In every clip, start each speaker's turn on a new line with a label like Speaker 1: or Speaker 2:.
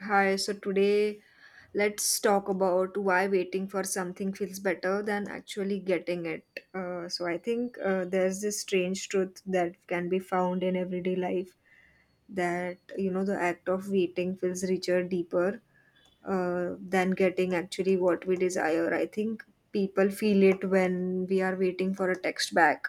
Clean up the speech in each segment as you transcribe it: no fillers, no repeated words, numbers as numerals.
Speaker 1: Hi, so today let's talk about why waiting for something feels better than actually getting it. I think there's this strange truth that can be found in everyday life that, you know, the act of waiting feels richer, deeper than getting actually what we desire. I think people feel it when we are waiting for a text back,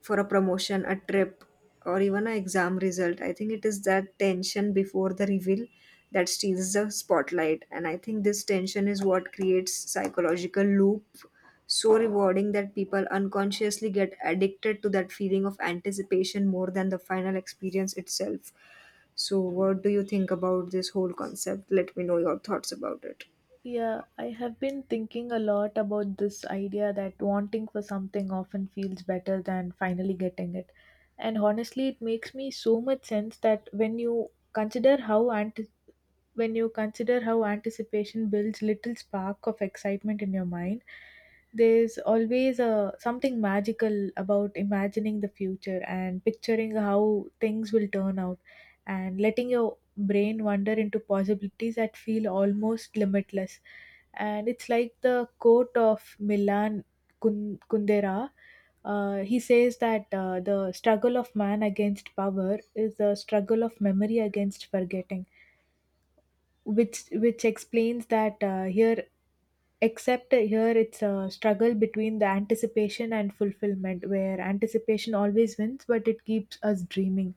Speaker 1: for a promotion, a trip, or even an exam result. I think it is that tension before the reveal that steals the spotlight. And I think this tension is what creates psychological loop so rewarding that people unconsciously get addicted to that feeling of anticipation more than the final experience itself. So what do you think about this whole concept? Let me know your thoughts about it.
Speaker 2: Yeah, I have been thinking a lot about this idea that wanting for something often feels better than finally getting it. And honestly, it makes me so much sense that when you consider when you consider how anticipation builds little spark of excitement in your mind, there's always a something magical about imagining the future and picturing how things will turn out, and letting your brain wander into possibilities that feel almost limitless. And it's like the quote of Milan Kundera. He says that the struggle of man against power is the struggle of memory against forgetting, which explains that here, except here it's a struggle between the anticipation and fulfillment where anticipation always wins, but it keeps us dreaming.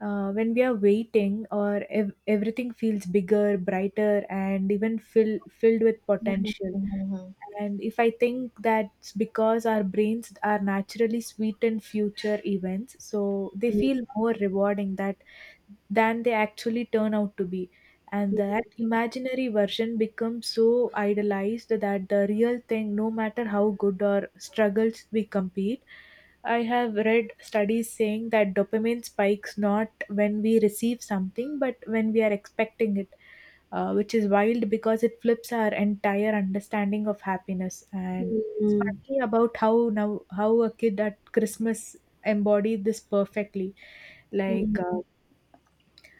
Speaker 2: When we are waiting, or everything feels bigger, brighter, and even filled with potential.
Speaker 1: Mm-hmm.
Speaker 2: And if I think that's because our brains are naturally sweetened future events, so they feel more rewarding that than they actually turn out to be. And that imaginary version becomes so idolized that the real thing, no matter how good or struggles we compete, I have read studies saying that dopamine spikes not when we receive something, but when we are expecting it, which is wild because it flips our entire understanding of happiness. And it's funny about how now how a kid at Christmas embodied this perfectly. Like
Speaker 1: Mm-hmm.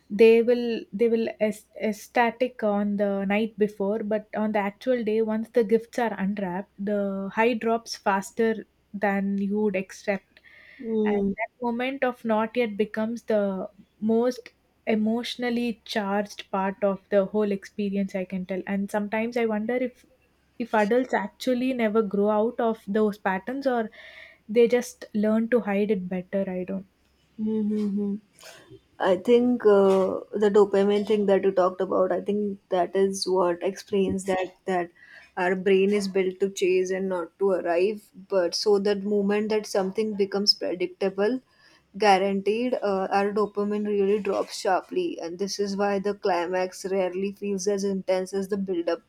Speaker 2: they will ecstatic on the night before, but on the actual day once the gifts are unwrapped the high drops faster than you would expect. And
Speaker 1: Mm-hmm.
Speaker 2: that moment of not yet becomes the most emotionally charged part of the whole experience, I can tell. And sometimes I wonder if, adults actually never grow out of those patterns, or they just learn to hide it better, I don't.
Speaker 1: Mm-hmm. I think the dopamine thing that you talked about, I think that is what explains that our brain is built to chase and not to arrive. But so that moment that something becomes predictable, guaranteed, our dopamine really drops sharply, and this is why the climax rarely feels as intense as the build-up.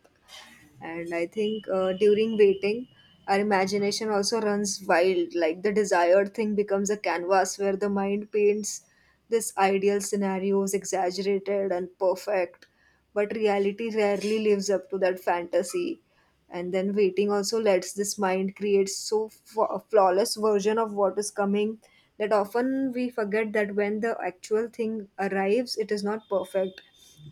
Speaker 1: And I think during waiting, our imagination also runs wild. Like the desired thing becomes a canvas where the mind paints this ideal scenarios, exaggerated and perfect. But reality rarely lives up to that fantasy, and then waiting also lets this mind create so flawless version of what is coming that often we forget that when the actual thing arrives it is not perfect,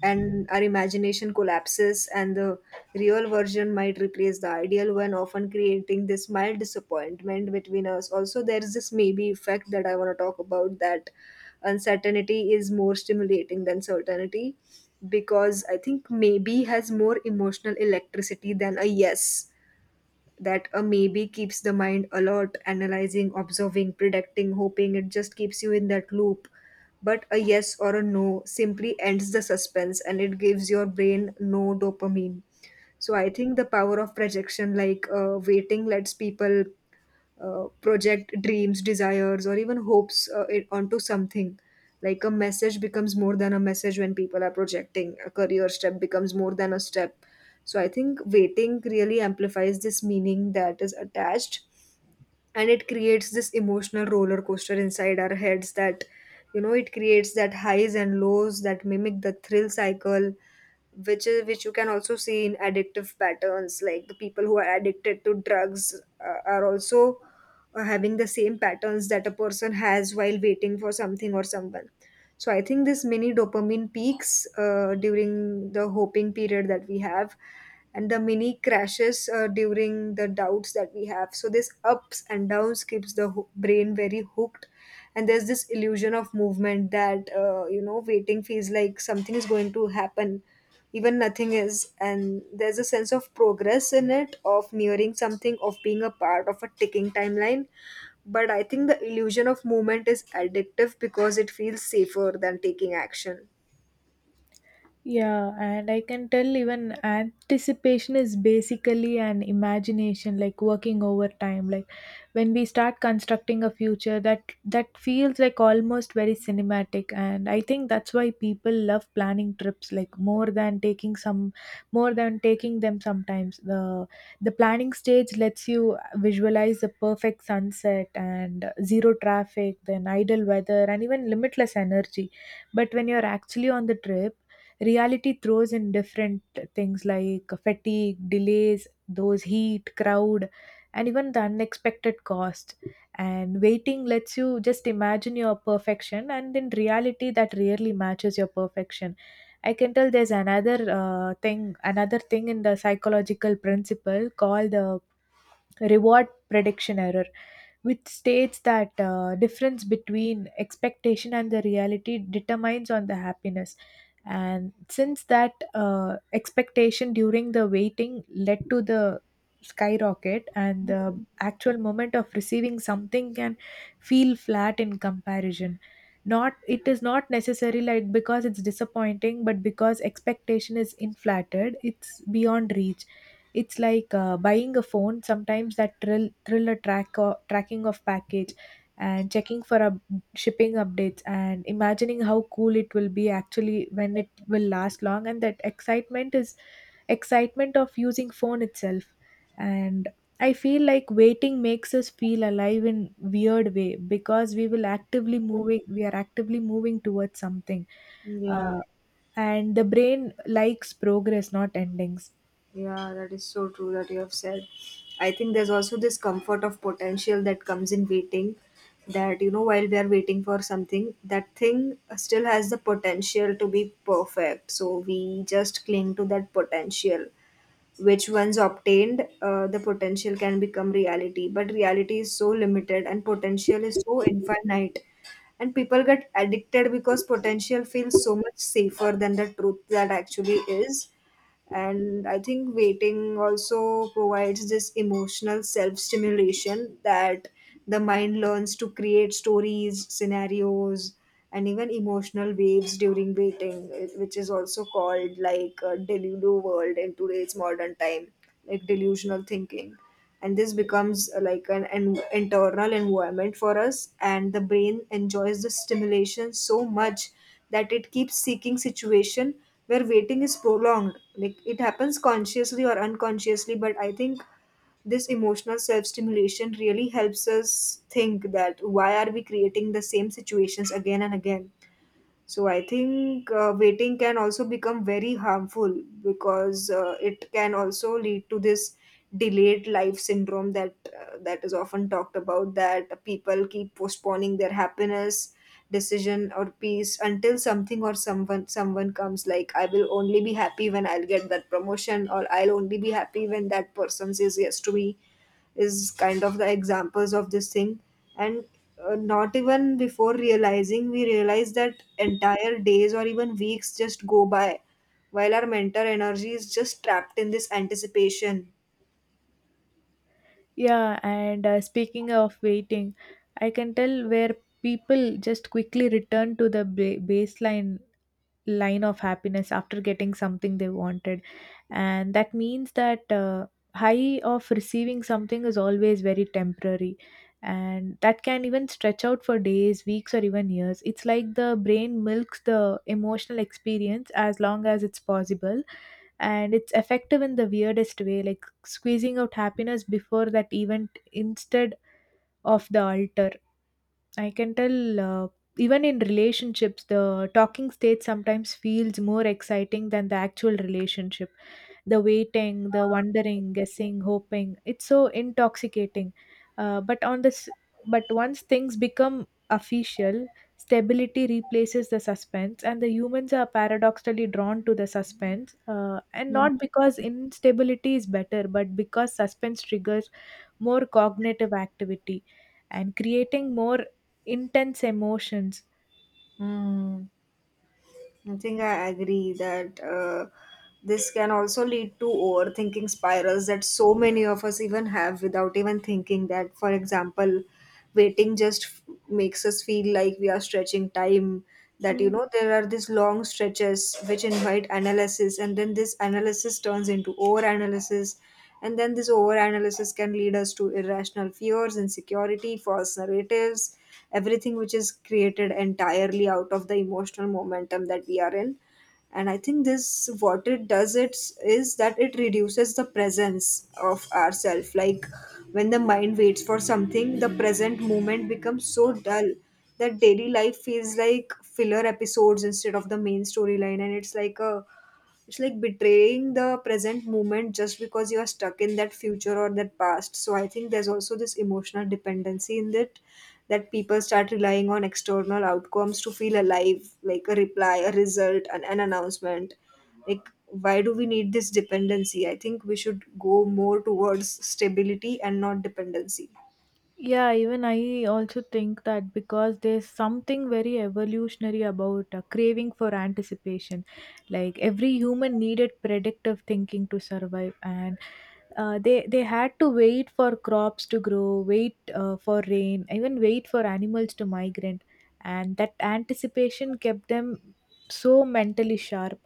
Speaker 1: and our imagination collapses and the real version might replace the ideal one, often creating this mild disappointment between us. Also there is this maybe effect that I want to talk about, that uncertainty is more stimulating than certainty because I think maybe has more emotional electricity than a yes. That a maybe keeps the mind alert, analyzing, observing, predicting, hoping. It just keeps you in that loop. But a yes or a no simply ends the suspense and it gives your brain no dopamine. So I think the power of projection, like waiting, lets people project dreams, desires, or even hopes it onto something. Like a message becomes more than a message when people are projecting. A career step becomes more than a step. So I think waiting really amplifies this meaning that is attached, and it creates this emotional roller coaster inside our heads that, you know, it creates that highs and lows that mimic the thrill cycle which is which you can also see in addictive patterns, like the people who are addicted to drugs are also having the same patterns that a person has while waiting for something or someone. So I think this mini dopamine peaks during the hoping period that we have, and the mini crashes during the doubts that we have, so this ups and downs keeps the brain very hooked. And there's this illusion of movement that you know, waiting feels like something is going to happen even nothing is, and there's a sense of progress in it, of nearing something, of being a part of a ticking timeline. But I think the illusion of movement is addictive because it feels safer than taking action.
Speaker 2: Yeah, and I can tell even anticipation is basically an imagination, like working overtime. Like when we start constructing a future, that feels like almost very cinematic, and I think that's why people love planning trips, like more than taking them sometimes. The planning stage lets you visualize the perfect sunset and zero traffic, then idle weather, and even limitless energy. But when you're actually on the trip, reality throws in different things like fatigue, delays, those heat, crowd, and even the unexpected cost. And waiting lets you just imagine your perfection, and in reality that rarely matches your perfection, I can tell. There's another thing another thing in the psychological principle called the reward prediction error, which states that difference between expectation and the reality determines on the happiness. And since that expectation during the waiting led to the skyrocket, and the actual moment of receiving something can feel flat in comparison. Not it is not necessarily like because it's disappointing, but because expectation is inflated, it's beyond reach. It's like buying a phone. Sometimes that thriller tracking of package and checking for shipping updates and imagining how cool it will be actually when it will last long. And that excitement of using phone itself. And I feel like waiting makes us feel alive in weird way because we will actively moving we are actively moving towards something.
Speaker 1: yeah
Speaker 2: uh, and the brain likes progress, not endings.
Speaker 1: yeah that is so true that you have said. I think there's also this comfort of potential that comes in waiting, that you know, while we are waiting for something, that thing still has the potential to be perfect, so we just cling to that potential, which once obtained, the potential can become reality, but reality is so limited and potential is so infinite. And people get addicted because potential feels so much safer than the truth that actually is. And I think waiting also provides this emotional self stimulation, that the mind learns to create stories, scenarios, and even emotional waves during waiting, which is also called like a delulu world in today's modern time, like delusional thinking. And this becomes like an internal environment for us, and the brain enjoys the stimulation so much that it keeps seeking situation where waiting is prolonged, like it happens consciously or unconsciously. But I think this emotional self stimulation really helps us think that why are we creating the same situations again and again. So I think waiting can also become very harmful because it can also lead to this delayed life syndrome that that is often talked about, that people keep postponing their happiness, decision or peace until something or someone comes, like I will only be happy when I'll get that promotion, or I'll only be happy when that person says yes to me, is kind of the examples of this thing. And not even before realizing we realize that entire days or even weeks just go by while our mental energy is just trapped in this anticipation.
Speaker 2: Yeah, and speaking of waiting, I can tell where people just quickly return to the baseline line of happiness after getting something they wanted. And that means that high of receiving something is always very temporary, and that can even stretch out for days, weeks, or even years. It's like the brain milks the emotional experience as long as it's possible, and it's effective in the weirdest way, like squeezing out happiness before that event instead of the altar. I can tell even in relationships, the talking stage sometimes feels more exciting than the actual relationship. The waiting, the wondering, guessing, hoping, it's so intoxicating. Uh, but on this, but once things become official, stability replaces the suspense, and the humans are paradoxically drawn to the suspense. And not
Speaker 1: Mhm.
Speaker 2: because instability is better, but because suspense triggers more cognitive activity and creating more intense emotions.
Speaker 1: Hmm. I think I agree that this can also lead to overthinking spirals that so many of us even have without even thinking, that, for example, waiting just makes us feel like we are stretching time. That you know, there are these long stretches which invite analysis, and then this analysis turns into overanalysis, and then this overanalysis can lead us to irrational fears, insecurity, false narratives, everything which is created entirely out of the emotional momentum that we are in. And I think this, what it does it's, that it reduces the presence of ourself, like when the mind waits for something the present moment becomes so dull that daily life feels like filler episodes instead of the main storyline, and it's like a, it's like betraying the present moment just because you are stuck in that future or that past. So I think there's also this emotional dependency in it, that people start relying on external outcomes to feel alive, like a reply, a result, an announcement. Like, why do we need this dependency? I think we should go more towards stability and not dependency.
Speaker 2: Yeah, even I also think that because there's something very evolutionary about a craving for anticipation. Like every human needed predictive thinking to survive, and they had to wait for crops to grow, wait for rain, even wait for animals to migrate, and that anticipation kept them so mentally sharp.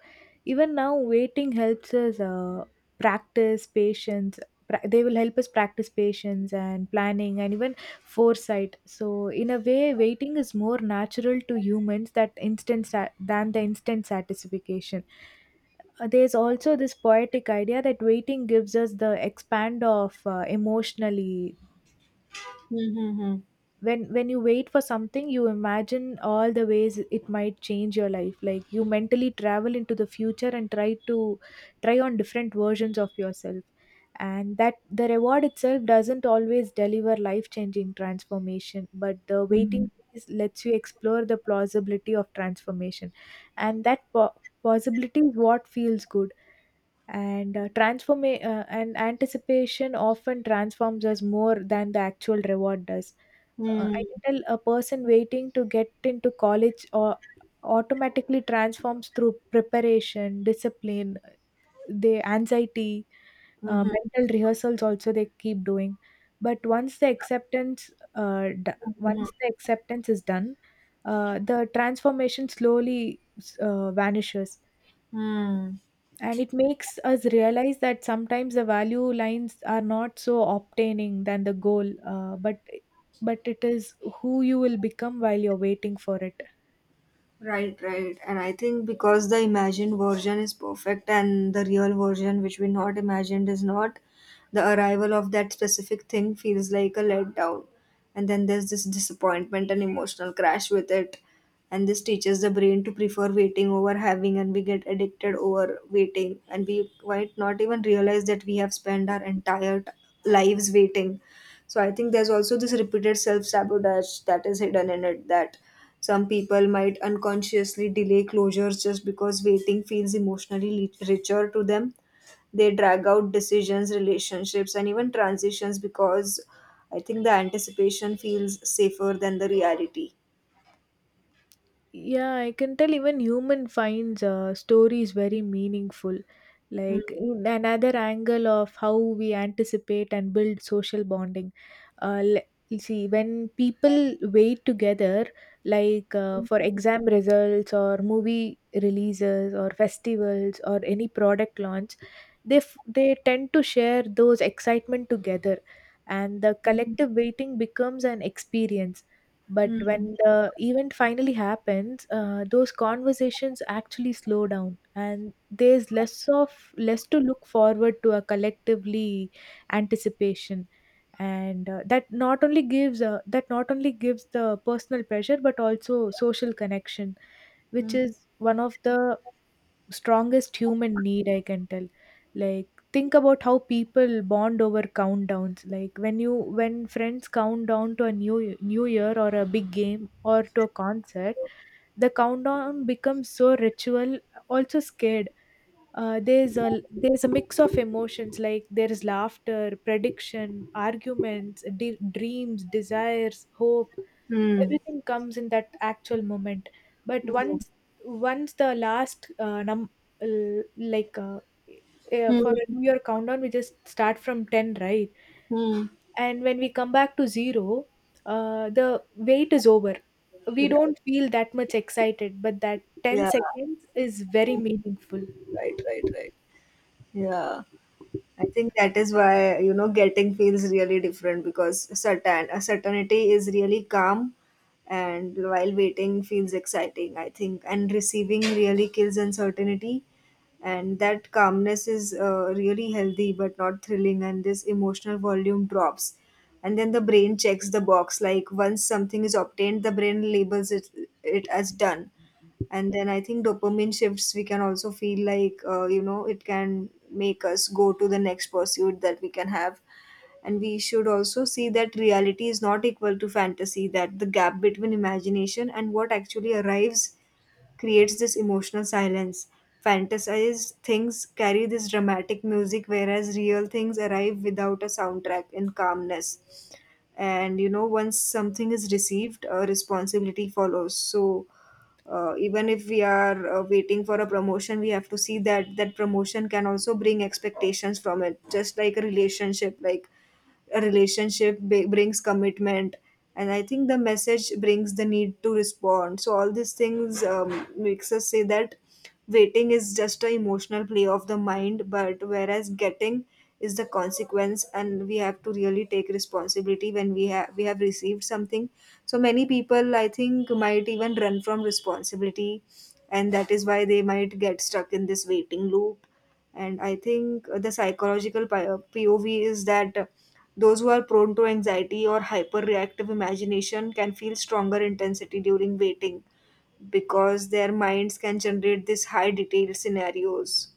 Speaker 2: Even now, waiting helps us practice patience pra- they will help us practice patience and planning and even foresight. So in a way waiting is more natural to humans than the instant satisfaction. There's also this poetic idea that waiting gives us the expand of emotionally.
Speaker 1: Mm-hmm.
Speaker 2: When you wait for something, you imagine all the ways it might change your life, like you mentally travel into the future and try on different versions of yourself. And that the reward itself doesn't always deliver life changing transformation, but the waiting phase lets you explore the plausibility of transformation. And possibility is what feels good. And transform and anticipation often transforms us more than the actual reward does. I can
Speaker 1: Mm-hmm.
Speaker 2: tell a person waiting to get into college or automatically transforms through preparation, discipline, the anxiety, mental rehearsals also they keep doing. But uh, d- once the acceptance is done, the transformation slowly vanishes.
Speaker 1: Mm-hmm.
Speaker 2: And it makes us realize that sometimes the value lines are not so obtaining than the goal, but it is who you will become while you're waiting for it.
Speaker 1: Right, right. And I think because the imagined version is perfect and the real version, which we not imagined, is not, the arrival of that specific thing feels like a letdown. And then there's this disappointment and emotional crash with it. And this teaches the brain to prefer waiting over having, and we get addicted over waiting. And we might not even realize that we have spent our entire lives waiting. So I think there's also this repeated self sabotage that is hidden in it, that some people might unconsciously delay closures just because waiting feels emotionally richer to them. They drag out decisions, relationships, and even transitions because I think the anticipation feels safer than the reality.
Speaker 2: Yeah, I can tell even human finds stories very meaningful.
Speaker 1: Mm.
Speaker 2: Like in another angle of how we anticipate and build social bonding. Uh, l- you see, when people wait together, like for exam results or movie releases or festivals or any product launch, they tend to share those excitement together, and the
Speaker 1: Mm.
Speaker 2: collective waiting becomes an experience. But
Speaker 1: Mm.
Speaker 2: when the event finally happens, those conversations actually slow down, and there's less to look forward to a collectively anticipation. And that not only gives the personal pressure but also social connection, which is one of the strongest human need, I can tell. Like think about how people bond over countdowns, like when friends count down to a new year or a big game or to a concert. The countdown becomes so ritual, also scared. There's a mix of emotions, like there is laughter, prediction, arguments, dreams, desires, hope,
Speaker 1: Mm.
Speaker 2: everything comes in that actual moment. But once once the last num l- like for a
Speaker 1: Mm.
Speaker 2: new year countdown, we just start from 10, right?
Speaker 1: Mm.
Speaker 2: And when we come back to zero, the wait is over. We don't feel that much excited, but that 10
Speaker 1: Yeah,
Speaker 2: seconds is very meaningful.
Speaker 1: right, right, right. Yeah. I think that is why you know getting feels really different, because certain a certainty is really calm, and while waiting feels exciting. I think and receiving really kills uncertainty, and that calmness is really healthy but not thrilling. And this emotional volume drops, and then the brain checks the box. Like once something is obtained, the brain labels it as done. And then I think dopamine shifts, we can also feel like you know, it can make us go to the next pursuit that we can have. And we should also see that reality is not equal to fantasy, that the gap between imagination and what actually arrives creates this emotional silence. Fantasized things carry this dramatic music, whereas real things arrive without a soundtrack in calmness. And you know, once something is received a responsibility follows. So even if we are waiting for a promotion, we have to see that that promotion can also bring expectations from it, just like a relationship, like a relationship brings commitment. And I think the message brings the need to respond. So all these things makes us say that waiting is just an emotional play of the mind, but whereas getting is the consequence, and we have to really take responsibility when we have received something. So many people I think might even run from responsibility, and that is why they might get stuck in this waiting loop. And I think the psychological pov is that those who are prone to anxiety or hyperreactive imagination can feel stronger intensity during waiting because their minds can generate these high detailed scenarios.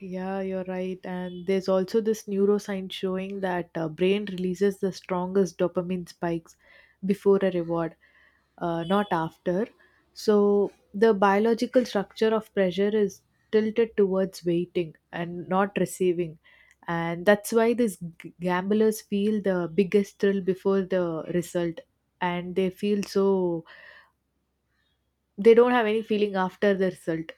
Speaker 2: Yeah, you're right. And there's also this neuroscience showing that brain releases the strongest dopamine spikes before a reward, not after. So the biological structure of pressure is tilted towards waiting and not receiving. And that's why these gamblers feel the biggest thrill before the result. And they feel so they don't have any feeling after the result.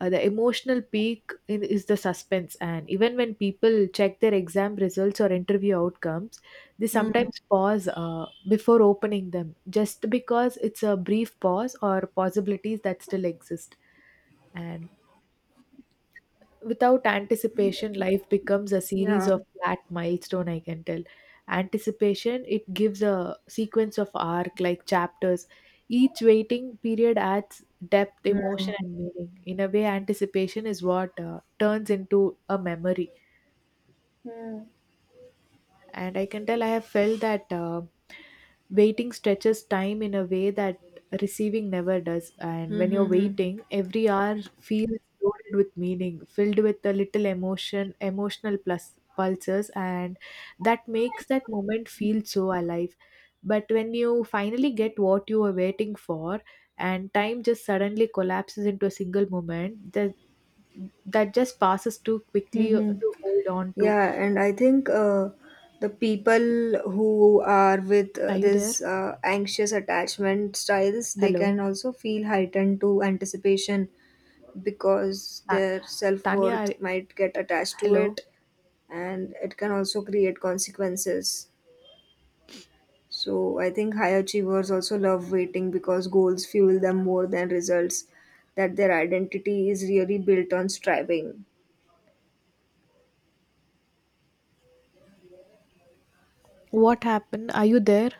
Speaker 2: The emotional peak in, is the suspense, and even when people check their exam results or interview outcomes, they
Speaker 1: Hmm.
Speaker 2: sometimes pause before opening them just because it's a brief pause or possibilities that still exist. And without anticipation, life becomes a series
Speaker 1: Yeah.
Speaker 2: of flat milestone, I can tell. Anticipation, it gives a sequence of arc like chapters. Each waiting period adds depth,
Speaker 1: Hmm.
Speaker 2: emotion, and meaning. In a way anticipation is what turns into a memory.
Speaker 1: Hmm.
Speaker 2: And I can tell I have felt that waiting stretches time in a way that receiving never does. And when you're
Speaker 1: Mm-hmm.
Speaker 2: waiting every hour feels loaded with meaning, filled with a little emotional plus pulses, and that makes that moment feel so alive. But when you finally get what you were waiting for, and time just suddenly collapses into a single moment that just passes too quickly
Speaker 1: Hmm.
Speaker 2: to hold on to.
Speaker 1: Yeah, and I think the people who are with uh,
Speaker 2: Are you there?
Speaker 1: this uh, anxious attachment styles, they
Speaker 2: Hello.
Speaker 1: can also feel heightened to anticipation because
Speaker 2: Ta-
Speaker 1: their
Speaker 2: Tanya,
Speaker 1: self-worth might get attached to
Speaker 2: hello.
Speaker 1: it, and it can also create consequences. So I think high achievers also love waiting because goals fuel them more than results, that their identity is really built on striving.
Speaker 2: What happened? Are you there?